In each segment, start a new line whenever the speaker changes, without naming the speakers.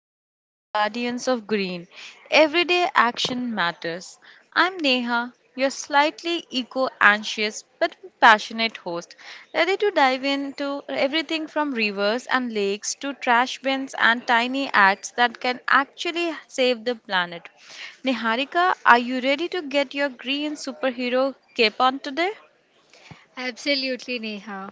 Welcome to Guardians of Green. Everyday action matters. I'm Neha, your slightly eco anxious but passionate host, ready to dive into everything from rivers and lakes to trash bins and tiny acts that can actually save the planet. Niharika, are you ready to get your green superhero cape on today?
Absolutely, Neha.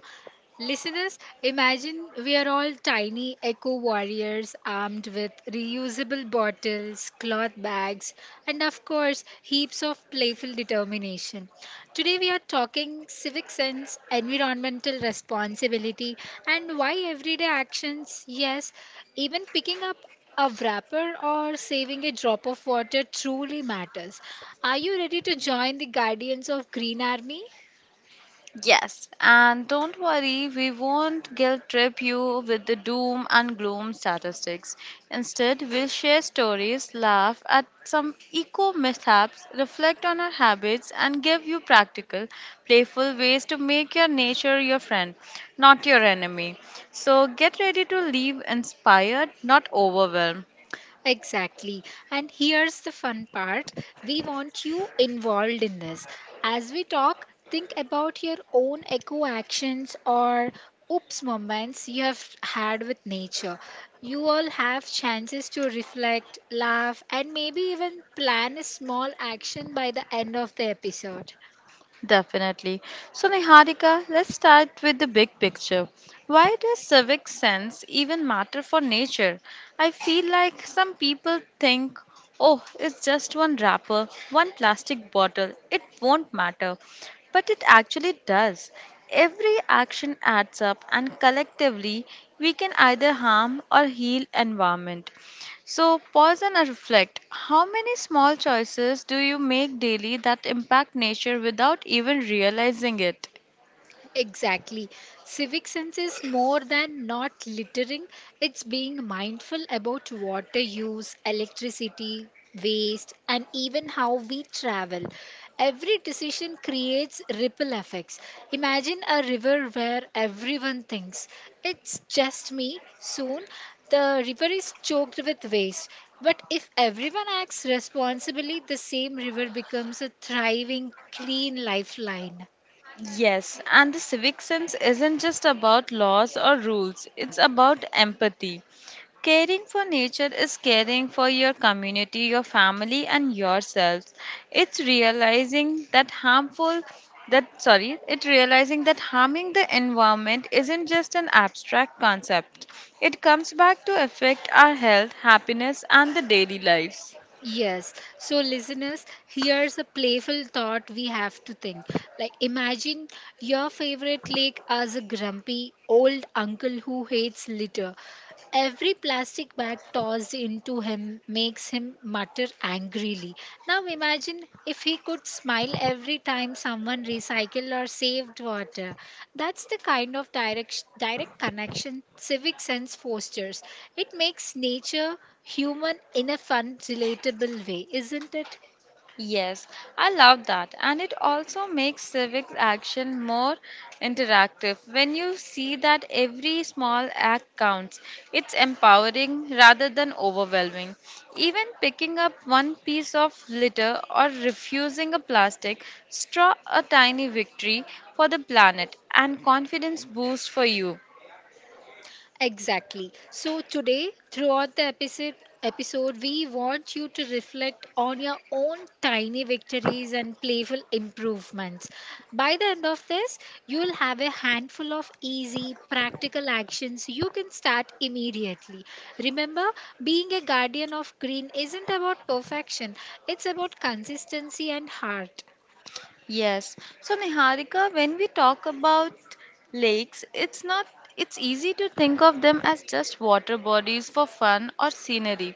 Listeners, imagine we are all tiny eco warriors armed with reusable bottles, cloth bags, and of course, heaps of playful determination. Today, we are talking civic sense, environmental responsibility, and why everyday actions, yes, even picking up a wrapper or saving a drop of water truly matters. Are you ready to join the Guardians of Green Army?
Yes, and don't worry, we won't guilt trip you with the doom and gloom statistics. Instead, we'll share stories, laugh at some eco mishaps, reflect on our habits, and give you practical, playful ways to make your nature your friend, not your enemy. So get ready to leave inspired, not overwhelmed.
Exactly. And here's the fun part we want you involved in this. As we talk, think about your own eco actions or oops moments you have had with nature. You all have chances to reflect, laugh, and maybe even plan a small action by the end of the episode.
Definitely. So, Niharika, let's start with the big picture. Why does civic sense even matter for nature? I feel like some people think, oh, it's just one wrapper, one plastic bottle, it won't matter. But it actually does. Every action adds up, and collectively, we can either harm or heal environment. So, pause and reflect. How many small choices do you make daily that impact nature without even realizing it?
Exactly. Civic sense is more than not littering, it's being mindful about water use, electricity, waste, and even how we travel. Every decision creates ripple effects. Imagine a river where everyone thinks, it's just me. Soon, the river is choked with waste. But if everyone acts responsibly, the same river becomes a thriving, clean lifeline.
Yes, and the civic sense isn't just about laws or rules, it's about empathy. Caring for nature is caring for your community, your family, and yourselves. It's realizing that harmful that sorry, it realizing that harming the environment isn't just an abstract concept. It comes back to affect our health, happiness, and the daily lives.
Yes. So, listeners, here's a playful thought we have to think. Like, imagine your favorite lake as a grumpy old uncle who hates litter. Every plastic bag tossed into him makes him mutter angrily. Now imagine if he could smile every time someone recycled or saved water. That's the kind of direct connection civic sense fosters. It makes nature human in a fun, relatable way, isn't it?
Yes, I love that. And it also makes civic action more interactive. When you see that every small act counts, it's empowering rather than overwhelming. Even picking up one piece of litter or refusing a plastic straw a tiny victory for the planet and confidence boost for you.
Exactly. So today, throughout the episode, we want you to reflect on your own tiny victories and playful improvements. By the end of this, you'll have a handful of easy, practical actions you can start immediately. Remember, being a guardian of green isn't about perfection, it's about consistency and heart.
Yes. So Niharika, when we talk about lakes, it's not it's easy to think of them as just water bodies for fun or scenery,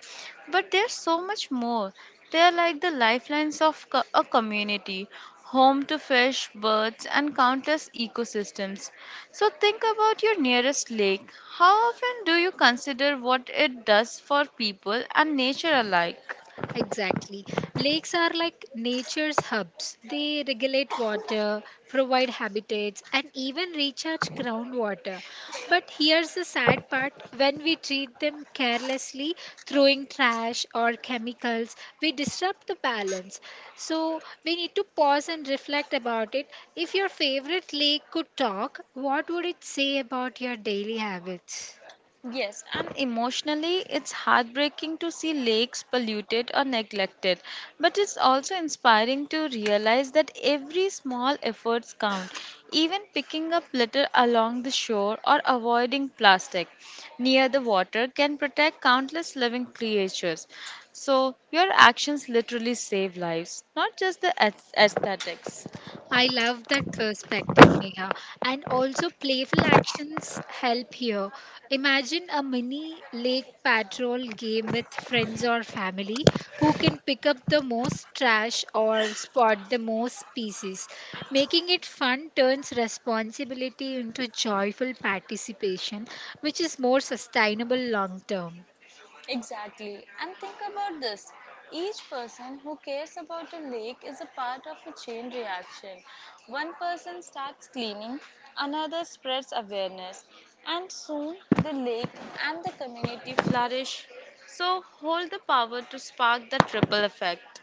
but they're so much more. They're like the lifelines of a community, home to fish, birds, and countless ecosystems. So think about your nearest lake. How often do you consider what it does for people and nature alike?
Exactly. Lakes are like nature's hubs. They regulate water, provide habitats, and even recharge groundwater. But here's the sad part when we treat them carelessly, throwing trash or chemicals, we disrupt the balance. So we need to pause and reflect about it. If your favorite lake could talk, what would it say about your daily habits?
Yes, and emotionally, it's heartbreaking to see lakes polluted or neglected. But it's also inspiring to realize that every small efforts count, even picking up litter along the shore or avoiding plastic near the water can protect countless living creatures. So, your actions literally save lives, not just the aesthetics.
I love that perspective, Neha. And also, playful actions help here. Imagine a mini lake patrol game with friends or family who can pick up the most trash or spot the most species. Making it fun turns responsibility into joyful participation, which is more sustainable long term.
Exactly. And think about this. Each person who cares about a lake is a part of a chain reaction. One person starts cleaning, another spreads awareness, and soon the lake and the community flourish. So hold the power to spark the triple effect.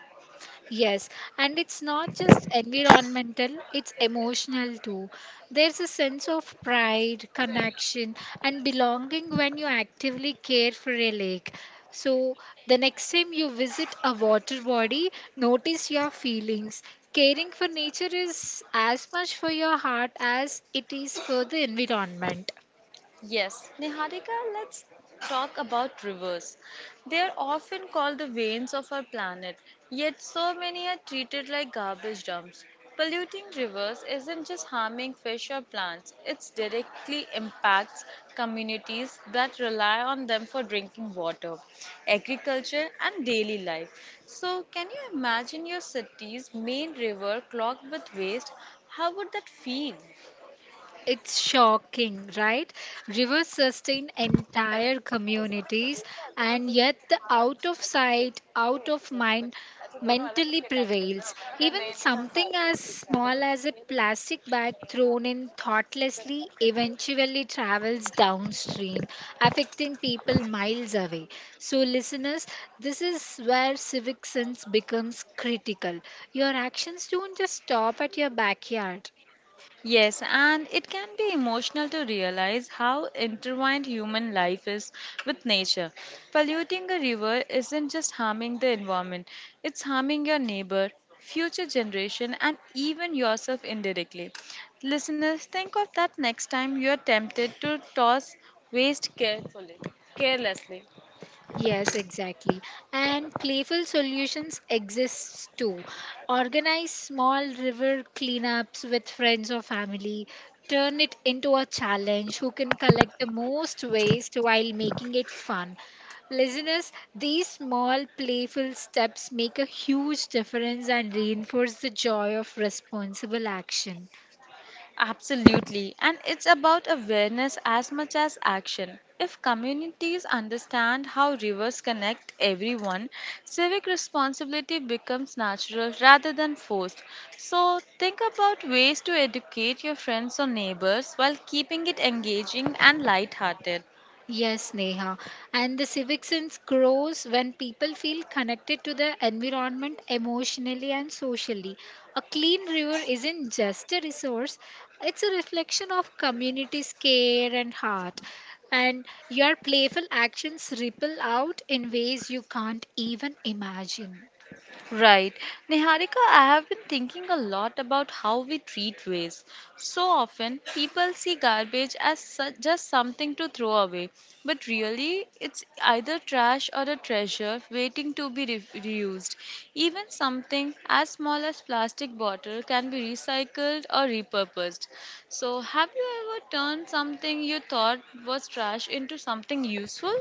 Yes, and it's not just environmental, it's emotional too. There's a sense of pride, connection, and belonging when you actively care for a lake. So, the next time you visit a water body, notice your feelings. Caring for nature is as much for your heart as it is for the environment.
Yes, Niharika, let's talk about rivers. They are often called the veins of our planet, yet, so many are treated like garbage dumps. Polluting rivers isn't just harming fish or plants, it directly impacts communities that rely on them for drinking water, agriculture, and daily life. So, can you imagine your city's main river clogged with waste? How would that feel?
It's shocking, right? Rivers sustain entire communities, and yet the out of sight, out of mind mentally prevails. Even something as small as a plastic bag thrown in thoughtlessly eventually travels downstream, affecting people miles away. So, listeners, this is where civic sense becomes critical. Your actions don't just stop at your backyard.
Yes, and it can be emotional to realize how intertwined human life is with nature. Polluting a river isn't just harming the environment, it's harming your neighbor, future generation, and even yourself indirectly. Listeners, think of that next time you're tempted to toss waste carelessly.
Yes, exactly. And playful solutions exists too. Organize small river cleanups with friends or family. Turn it into a challenge who can collect the most waste while making it fun. Listeners, these small playful steps make a huge difference and reinforce the joy of responsible action.
Absolutely. And it's about awareness as much as action. If communities understand how rivers connect everyone, civic responsibility becomes natural rather than forced. So think about ways to educate your friends or neighbors while keeping it engaging and lighthearted.
Yes, Neha. And the civic sense grows when people feel connected to the environment emotionally and socially. A clean river isn't just a resource, it's a reflection of community's care and heart. And your playful actions ripple out in ways you can't even imagine.
Right. Niharika, I have been thinking a lot about how we treat waste. So often, people see garbage as just something to throw away, but really, it's either trash or a treasure waiting to be reused. Even something as small as plastic bottle can be recycled or repurposed. So, have you ever turned something you thought was trash into something useful?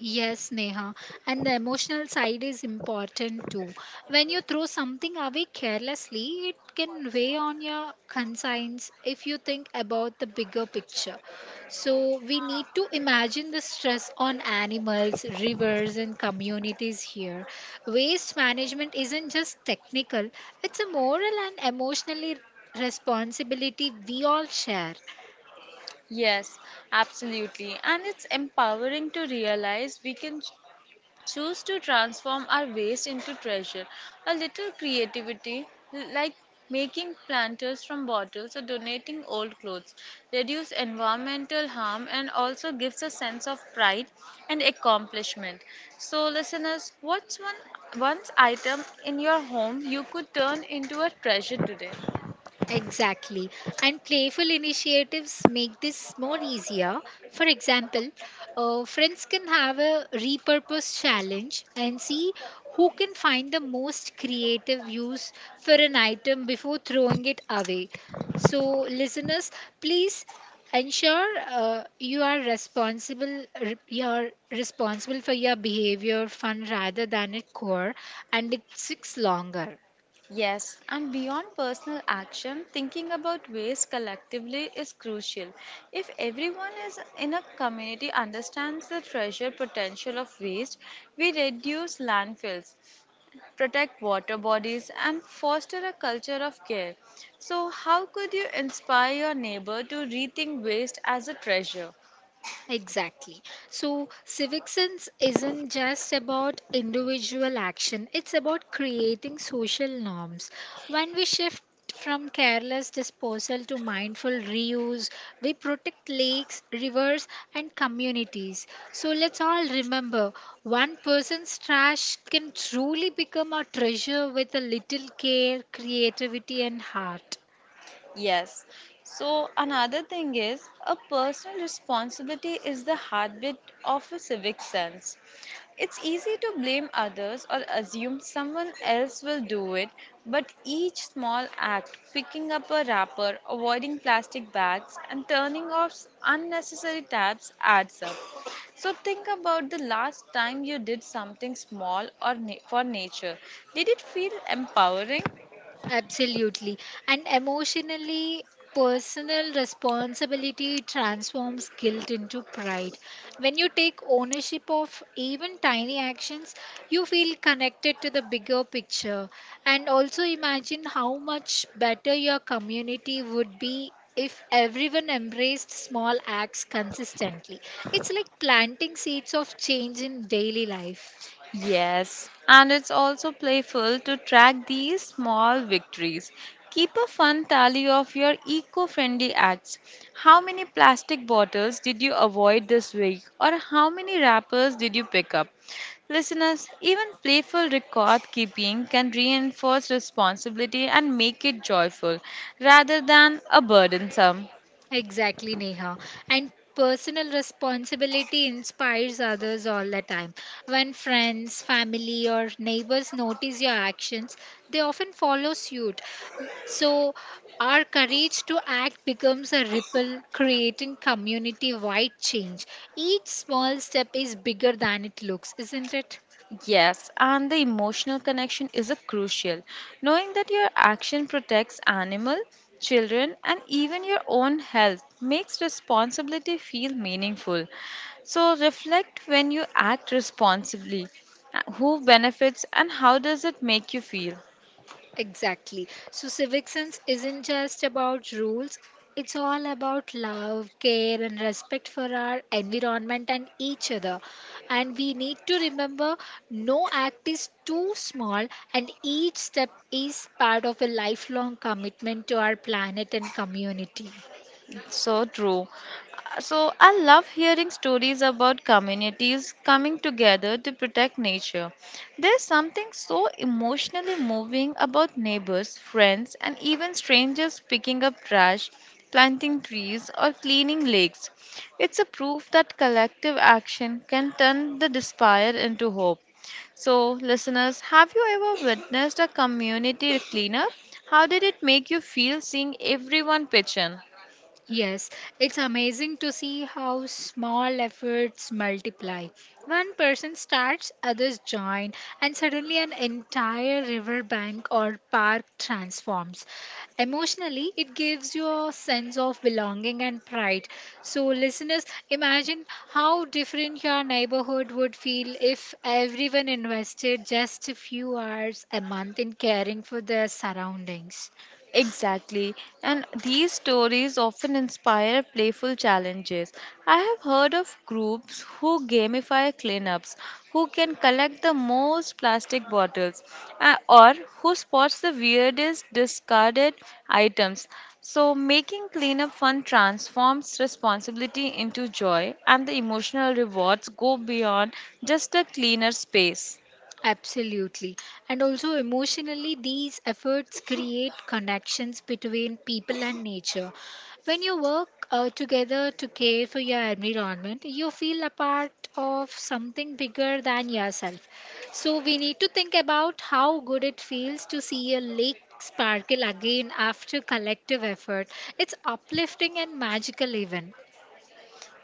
Yes, Neha. And the emotional side is important too. When you throw something away carelessly, it can weigh on your conscience if you think about the bigger picture. So, we need to imagine the stress on animals, rivers, and communities here. Waste management isn't just technical, it's a moral and emotionally responsibility we all share.
Yes, absolutely. And it's empowering to realize we can choose to transform our waste into treasure. A little creativity, like making planters from bottles or donating old clothes, reduce environmental harm and also gives a sense of pride and accomplishment. So, listeners, what's one once item in your home you could turn into a treasure today?
Exactly. And playful initiatives make this more easier. For example, friends can have a repurpose challenge and see who can find the most creative use for an item before throwing it away. So, listeners, please ensure you are you are responsible for your behavior fun rather than it core and it sticks longer.
Yes, and beyond personal action, thinking about waste collectively is crucial. If everyone is in a community understands the treasure potential of waste, we reduce landfills, protect water bodies, and foster a culture of care. So, how could you inspire your neighbor to rethink waste as a treasure?
Exactly. So, civic sense isn't just about individual action, it's about creating social norms. When we shift from careless disposal to mindful reuse, we protect lakes, rivers, and communities. So, let's all remember one person's trash can truly become a treasure with a little care, creativity, and heart.
Yes. So another thing is a personal responsibility is the heartbeat of a civic sense. It's easy to blame others or assume someone else will do it, but each small act, picking up a wrapper, avoiding plastic bags, and turning off unnecessary taps adds up. So think about the last time you did something small or for nature. Did it feel empowering?
Absolutely. And emotionally, personal responsibility transforms guilt into pride. When you take ownership of even tiny actions, you feel connected to the bigger picture. And also imagine how much better your community would be if everyone embraced small acts consistently. It's like planting seeds of change in daily life.
Yes, and it's also playful to track these small victories. Keep a fun tally of your eco friendly acts. How many plastic bottles did you avoid this week, or how many wrappers did you pick up? Listeners, even playful record keeping can reinforce responsibility and make it joyful rather than a burdensome.
Exactly, Neha. And personal responsibility inspires others all the time. When friends, family, or neighbors notice your actions, they often follow suit. So, our courage to act becomes a ripple, creating community wide change. Each small step is bigger than it looks, isn't it?
Yes, and the emotional connection is a crucial. Knowing that your action protects animal, children, and even your own health makes responsibility feel meaningful. So reflect when you act responsibly. Who benefits and how does it make you feel?
Exactly. So, civic sense isn't just about rules, it's all about love, care, and respect for our environment and each other. And we need to remember no act is too small, and each step is part of a lifelong commitment to our planet and community.
So true. So I love hearing stories about communities coming together to protect nature. There's something so emotionally moving about neighbors, friends, and even strangers picking up trash, planting trees, or cleaning lakes. It's a proof that collective action can turn the despair into hope. So, listeners, have you ever witnessed a community cleanup? How did it make you feel seeing everyone pitch in?
Yes, it's amazing to see how small efforts multiply. One person starts, others join, and suddenly an entire riverbank or park transforms. Emotionally, it gives you a sense of belonging and pride. So, listeners, imagine how different your neighborhood would feel if everyone invested just a few hours a month in caring for their surroundings.
Exactly, and these stories often inspire playful challenges. I have heard of groups who gamify cleanups, who can collect the most plastic bottles, or who spots the weirdest discarded items. So, making cleanup fun transforms responsibility into joy, and the emotional rewards go beyond just a cleaner space.
Absolutely. And also, emotionally, these efforts create connections between people and nature. When you work together to care for your environment, you feel a part of something bigger than yourself. So, we need to think about how good it feels to see a lake sparkle again after collective effort. It's uplifting and magical, even.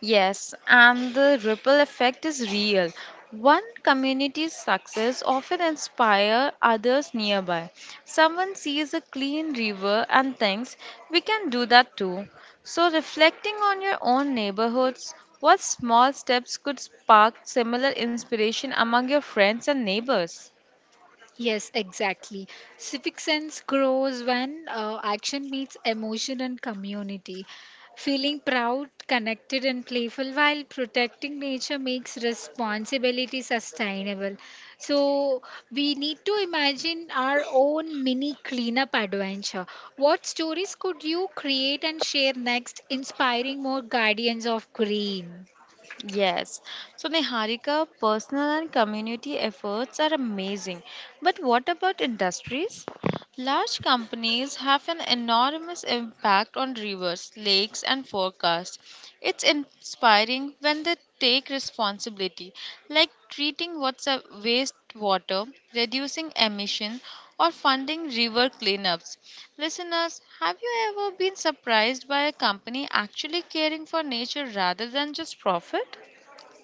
Yes, and the ripple effect is real. One community's success often inspires others nearby. Someone sees a clean river and thinks, we can do that too. So, reflecting on your own neighborhoods, what small steps could spark similar inspiration among your friends and neighbors?
Yes, exactly. Civic sense grows when action meets emotion and community. Feeling proud, connected, and playful while protecting nature makes responsibility sustainable. So, we need to imagine our own mini cleanup adventure. What stories could you create and share next, inspiring more guardians of green?
Yes. So, Niharika, personal and community efforts are amazing. But what about industries? Large companies have an enormous impact on rivers, lakes, and forecasts. It's inspiring when they take responsibility, like treating what's a wastewater, reducing emission, or funding river cleanups. Listeners, have you ever been surprised by a company actually caring for nature rather than just profit?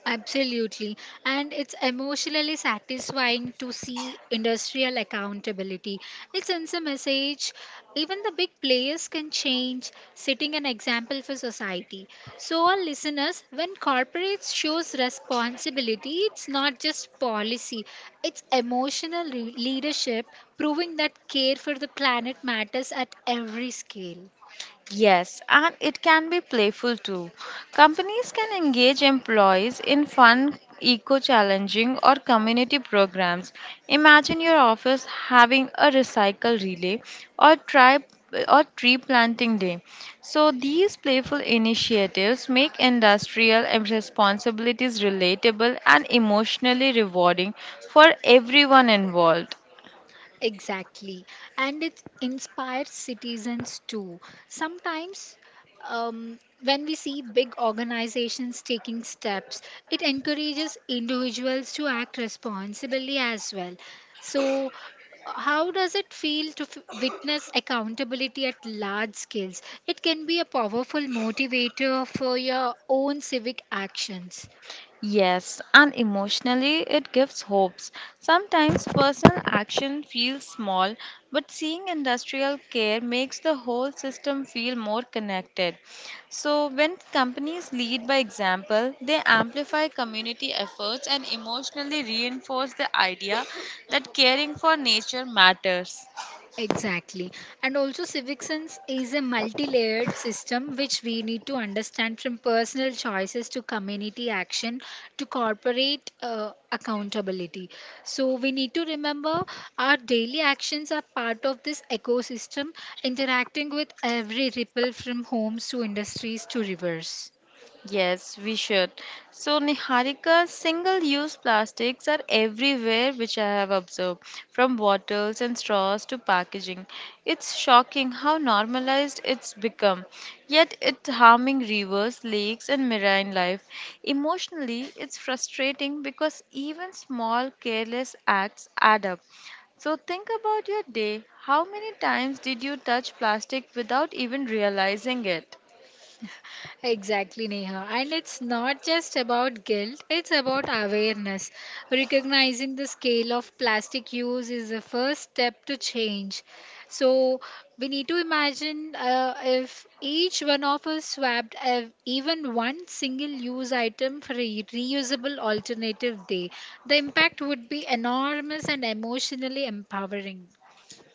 Absolutely. And it's emotionally satisfying to see industrial accountability. It sends a message even the big players can change, setting an example for society. So, our listeners, when corporates shows responsibility, it's not just policy, it's leadership, proving that care for the planet matters at every scale.
Yes, and it can be playful too. Companies can engage employees in fun, eco challenging, or community programs. Imagine your office having a recycle relay or try or tree planting day. So these playful initiatives make industrial responsibilities relatable and emotionally rewarding for everyone involved.
Exactly. And it inspires citizens too. Sometimes, when we see big organizations taking steps, it encourages individuals to act responsibly as well. So, how does it feel to witness accountability at large scales? It can be a powerful motivator for your own civic actions.
Yes, and emotionally it gives hopes. Sometimes personal action feels small, but seeing industrial care makes the whole system feel more connected. So, when companies lead by example, they amplify community efforts and emotionally reinforce the idea that caring for nature matters.
Exactly. And also, civic sense is a multi layered system which we need to understand from personal choices to community action to corporate accountability. So, we need to remember our daily actions are part of this ecosystem, interacting with every ripple from homes to industries to rivers.
Yes, we should. So, Niharika, single use plastics are everywhere, which I have observed, from bottles and straws to packaging. It's shocking how normalized it's become, yet, it's harming rivers, lakes, and marine life. Emotionally, it's frustrating because even small, careless acts add up. So, think about your day. How many times did you touch plastic without even realizing it?
Exactly, Neha. And it's not just about guilt, it's about awareness. Recognizing the scale of plastic use is the first step to change. So, we need to imagine if each one of us swapped even one single use item for a reusable alternative day, the impact would be enormous and emotionally empowering.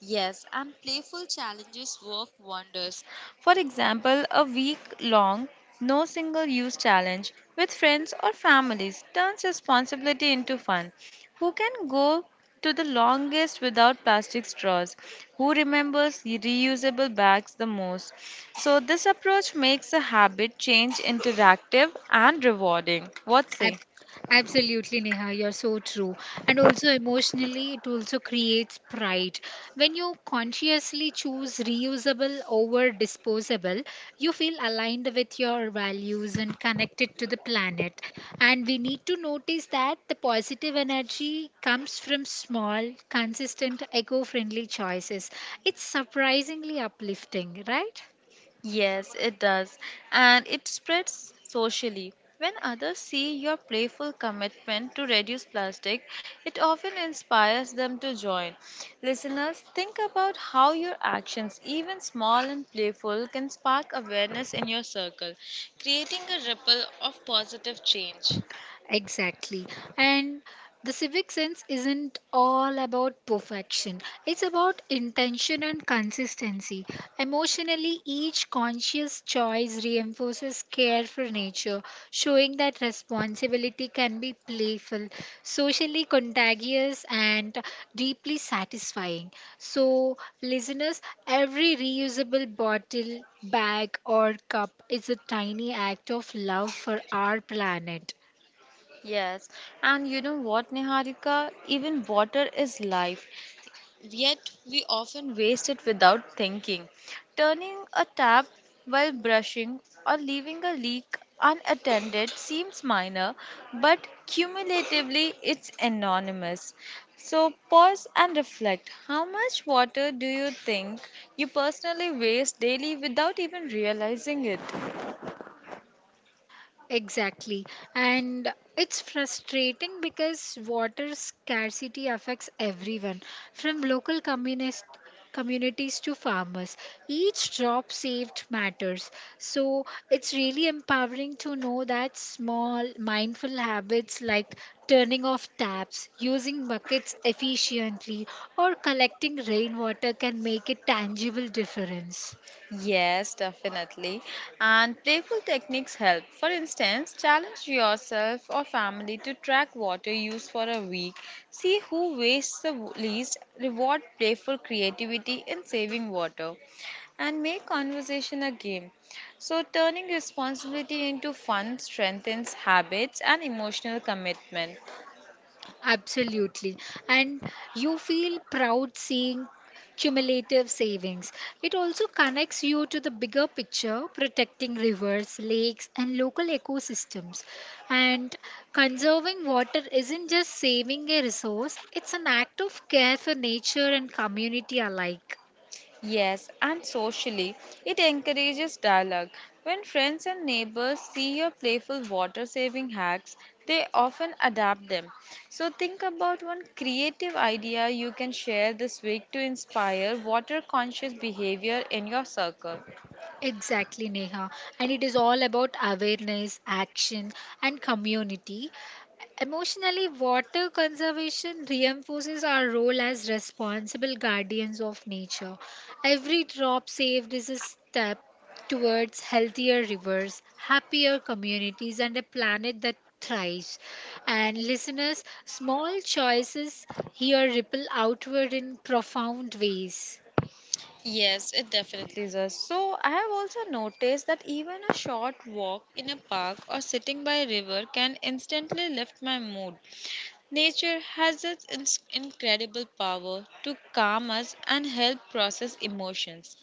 Yes, and playful challenges work wonders. For example, a week long no single use challenge with friends or families turns responsibility into fun. Who can go to the longest without plastic straws? Who remembers reusable bags the most? So, this approach makes the habit change interactive and rewarding. What say?
Ab- Absolutely, Neha, you're so true. And also, emotionally, it also creates pride. When you consciously choose reusable over disposable, you feel aligned with your values and connected to the planet. And we need to notice that the positive energy comes from small, consistent, eco friendly choices. It's surprisingly uplifting, right?
Yes, it does. And it spreads socially. When others see your playful commitment to reduce plastic, it often inspires them to join. Listeners, think about how your actions, even small and playful, can spark awareness in your circle, creating a ripple of positive change.
Exactly. And the civic sense isn't all about perfection, it's about intention and consistency. Emotionally, each conscious choice reinforces care for nature, showing that responsibility can be playful, socially contagious, and deeply satisfying. So, listeners, every reusable bottle, bag, or cup is a tiny act of love for our planet.
Yes, and you know what, Niharika? Even water is life. Yet we often waste it without thinking. Turning a tap while brushing or leaving a leak unattended seems minor, but cumulatively it's enormous. So pause and reflect. How much water do you think you personally waste daily without even realizing it?
Exactly. And it's frustrating because water scarcity affects everyone, from local communist communities to farmers. Each drop saved matters. So it's really empowering to know that small mindful habits like turning off taps, using buckets efficiently, or collecting rainwater can make a tangible difference.
Yes, definitely. And playful techniques help. For instance, challenge yourself or family to track water use for a week. See who wastes the least. Reward playful creativity in saving water. And make conversation a game. So, turning responsibility into fun strengthens habits and emotional commitment.
Absolutely. And you feel proud seeing cumulative savings. It also connects you to the bigger picture, protecting rivers, lakes, and local ecosystems. And conserving water isn't just saving a resource, it's an act of care for nature and community alike.
Yes, and socially, it encourages dialogue. When friends and neighbors see your playful water saving hacks, they often adapt them. So, think about one creative idea you can share this week to inspire water conscious behavior in your circle.
Exactly, Neha. And it is all about awareness, action, and community. Emotionally, water conservation reinforces our role as responsible guardians of nature. Every drop saved is a step towards healthier rivers, happier communities, and a planet that thrives. And listeners, small choices here ripple outward in profound ways.
Yes, it definitely does. So, I have also noticed that even a short walk in a park or sitting by a river can instantly lift my mood. Nature has its incredible power to calm us and help process emotions.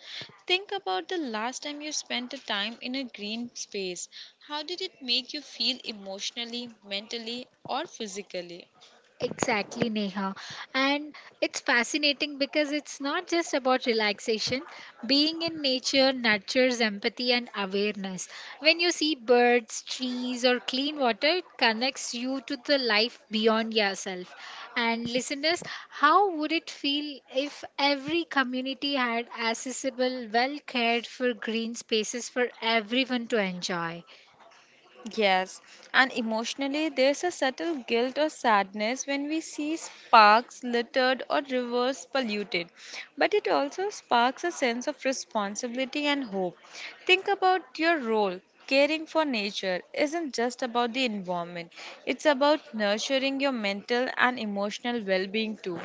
Think about the last time you spent a time in a green space. How did it make you feel emotionally, mentally, or physically?
Exactly, Neha. And it's fascinating because it's not just about relaxation. Being in nature nurtures empathy and awareness. When you see birds, trees, or clean water, it connects you to the life beyond yourself. And listeners, how would it feel if every community had accessible, well cared for green spaces for everyone to enjoy?
Yes, and emotionally, there's a subtle guilt or sadness when we see parks littered or rivers polluted. But it also sparks a sense of responsibility and hope. Think about your role. Caring for nature isn't just about the environment, it's about nurturing your mental and emotional well being too.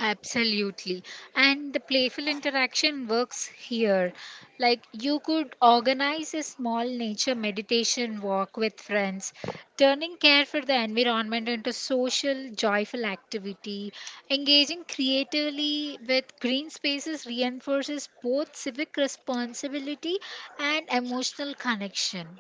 Absolutely. And the playful interaction works here. Like you could organize a small nature meditation walk with friends, turning care for the environment into social, joyful activity. Engaging creatively with green spaces reinforces both civic responsibility and emotional connection.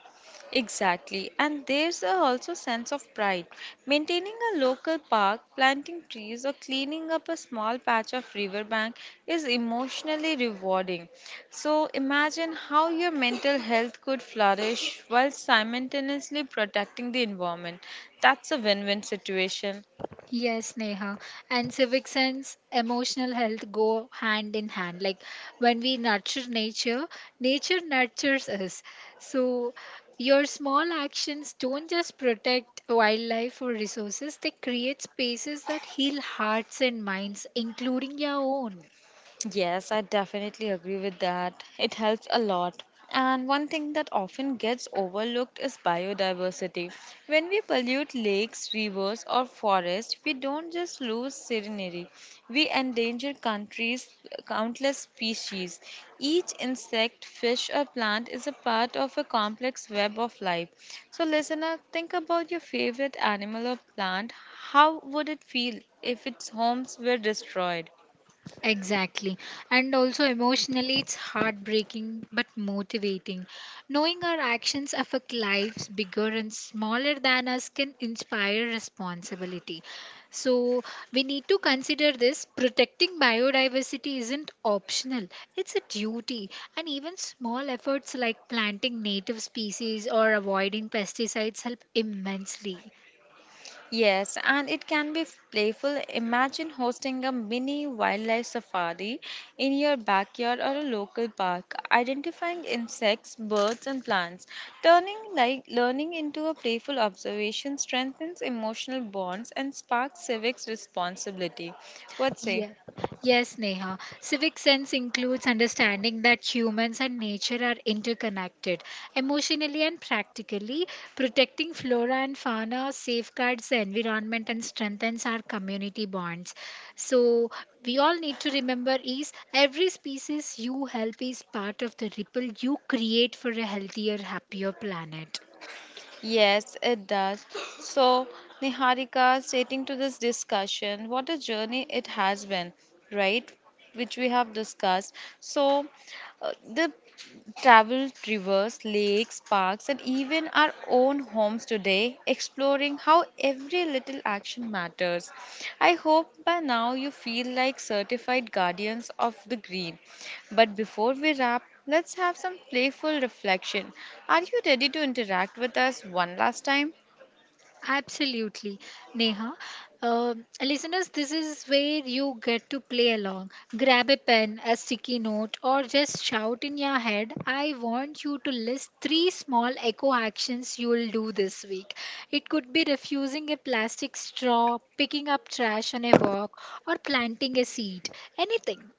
Exactly, and there's a also sense of pride. Maintaining a local park, planting trees, or cleaning up a small patch of riverbank is emotionally rewarding. So imagine how your mental health could flourish while simultaneously protecting the environment. That's a win-win situation.
Yes, Neha. And civic sense, emotional health go hand in hand. Like when we nurture nature, nature nurtures us. So your small actions don't just protect wildlife or resources, they create spaces that heal hearts and minds, including your own.
Yes, I definitely agree with that. It helps a lot. And one thing that often gets overlooked is biodiversity. When we pollute lakes, rivers, or forests, we don't just lose scenery, we endanger countless species. Each insect, fish, or plant is a part of a complex web of life. So, listener, think about your favorite animal or plant. How would it feel if its homes were destroyed?
Exactly. And also emotionally, it's heartbreaking but motivating. Knowing our actions affect lives bigger and smaller than us can inspire responsibility. So, we need to consider this protecting biodiversity isn't optional, it's a duty. And even small efforts like planting native species or avoiding pesticides help immensely.
Yes, and it can be playful. Imagine hosting a mini wildlife safari in your backyard or a local park, identifying insects, birds, and plants. Turning like learning into a playful observation strengthens emotional bonds and sparks civics responsibility. What say?
Yes, yes, Neha. Civic sense includes understanding that humans and nature are interconnected emotionally and practically. Protecting flora and fauna safeguards the environment and strengthens our community bonds. So, we all need to remember is every species you help is part of the ripple you create for a healthier, happier planet.
Yes, it does. So, Niharika, stating to this discussion, what a journey it has been, right? Which we have discussed. So, Uh, the traveled rivers, lakes, parks, and even our own homes today, exploring how every little action matters. I hope by now you feel like certified guardians of the green. But before we wrap, let's have some playful reflection. Are you ready to interact with us one last time?
Absolutely, Neha. Listeners, this is where you get to play along. Grab a pen, a sticky note, or just shout in your head. I want you to list three small eco actions you will do this week. It could be refusing a plastic straw, picking up trash on a walk, or planting a seed. Anything.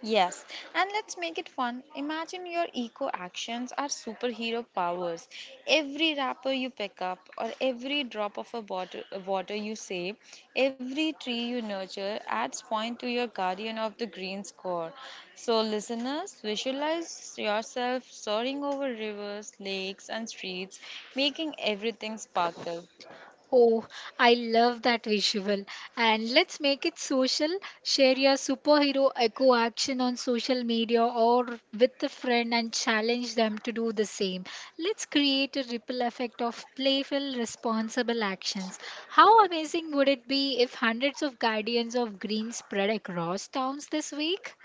Yes, and let's make it fun. Imagine your eco actions are superhero powers. Every wrapper you pick up, or every drop of a water you save, every tree you nurture adds point to your guardian of the green score. So, listeners, visualize yourself soaring over rivers, lakes, and streets, making everything sparkle.
Oh, I love that visual. And let's make it social. Share your superhero echo action on social media or with a friend and challenge them to do the same. Let's create a ripple effect of playful, responsible actions. How amazing would it be if hundreds of guardians of green spread across towns this week?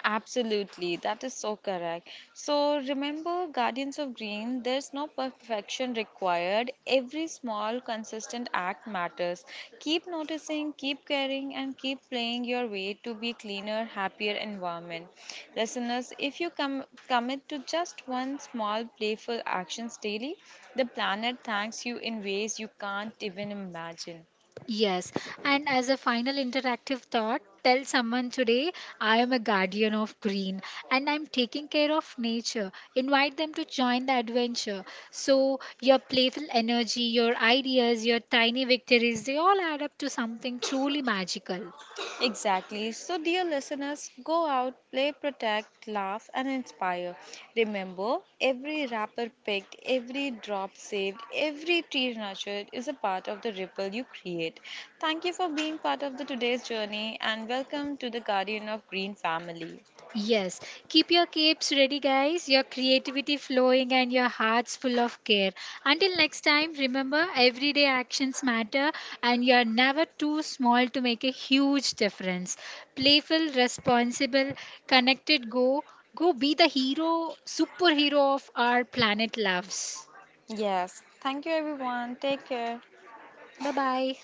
Absolutely, that is so correct. So remember, Guardians of Green, there's no perfection required. Every small, consistent act matters. Keep noticing, keep caring, and keep playing your way to be cleaner, happier environment. Listeners, if you commit to just one small, playful actions daily, the planet thanks you in ways you can't even imagine.
Yes, and as a final interactive thought, tell someone today I am a guardian of green and I'm taking care of nature. Invite them to join the adventure. So, your playful energy, your ideas, your tiny victories, they all add up to something truly magical.
Exactly. So, dear listeners, go out, play, protect, laugh, and inspire. Remember, every wrapper picked, every drop saved, every tree nurtured is a part of the ripple you create. Thank you for being part of the today's journey and welcome to the Guardian of Green family.
Yes, keep your capes ready, guys, your creativity flowing, and your hearts full of care. Until next time, remember everyday actions matter, and you're never too small to make a huge difference. Playful, responsible, connected, go. Go be the hero, superhero of our planet loves.
Yes. Thank you, everyone. Take care.
Bye bye.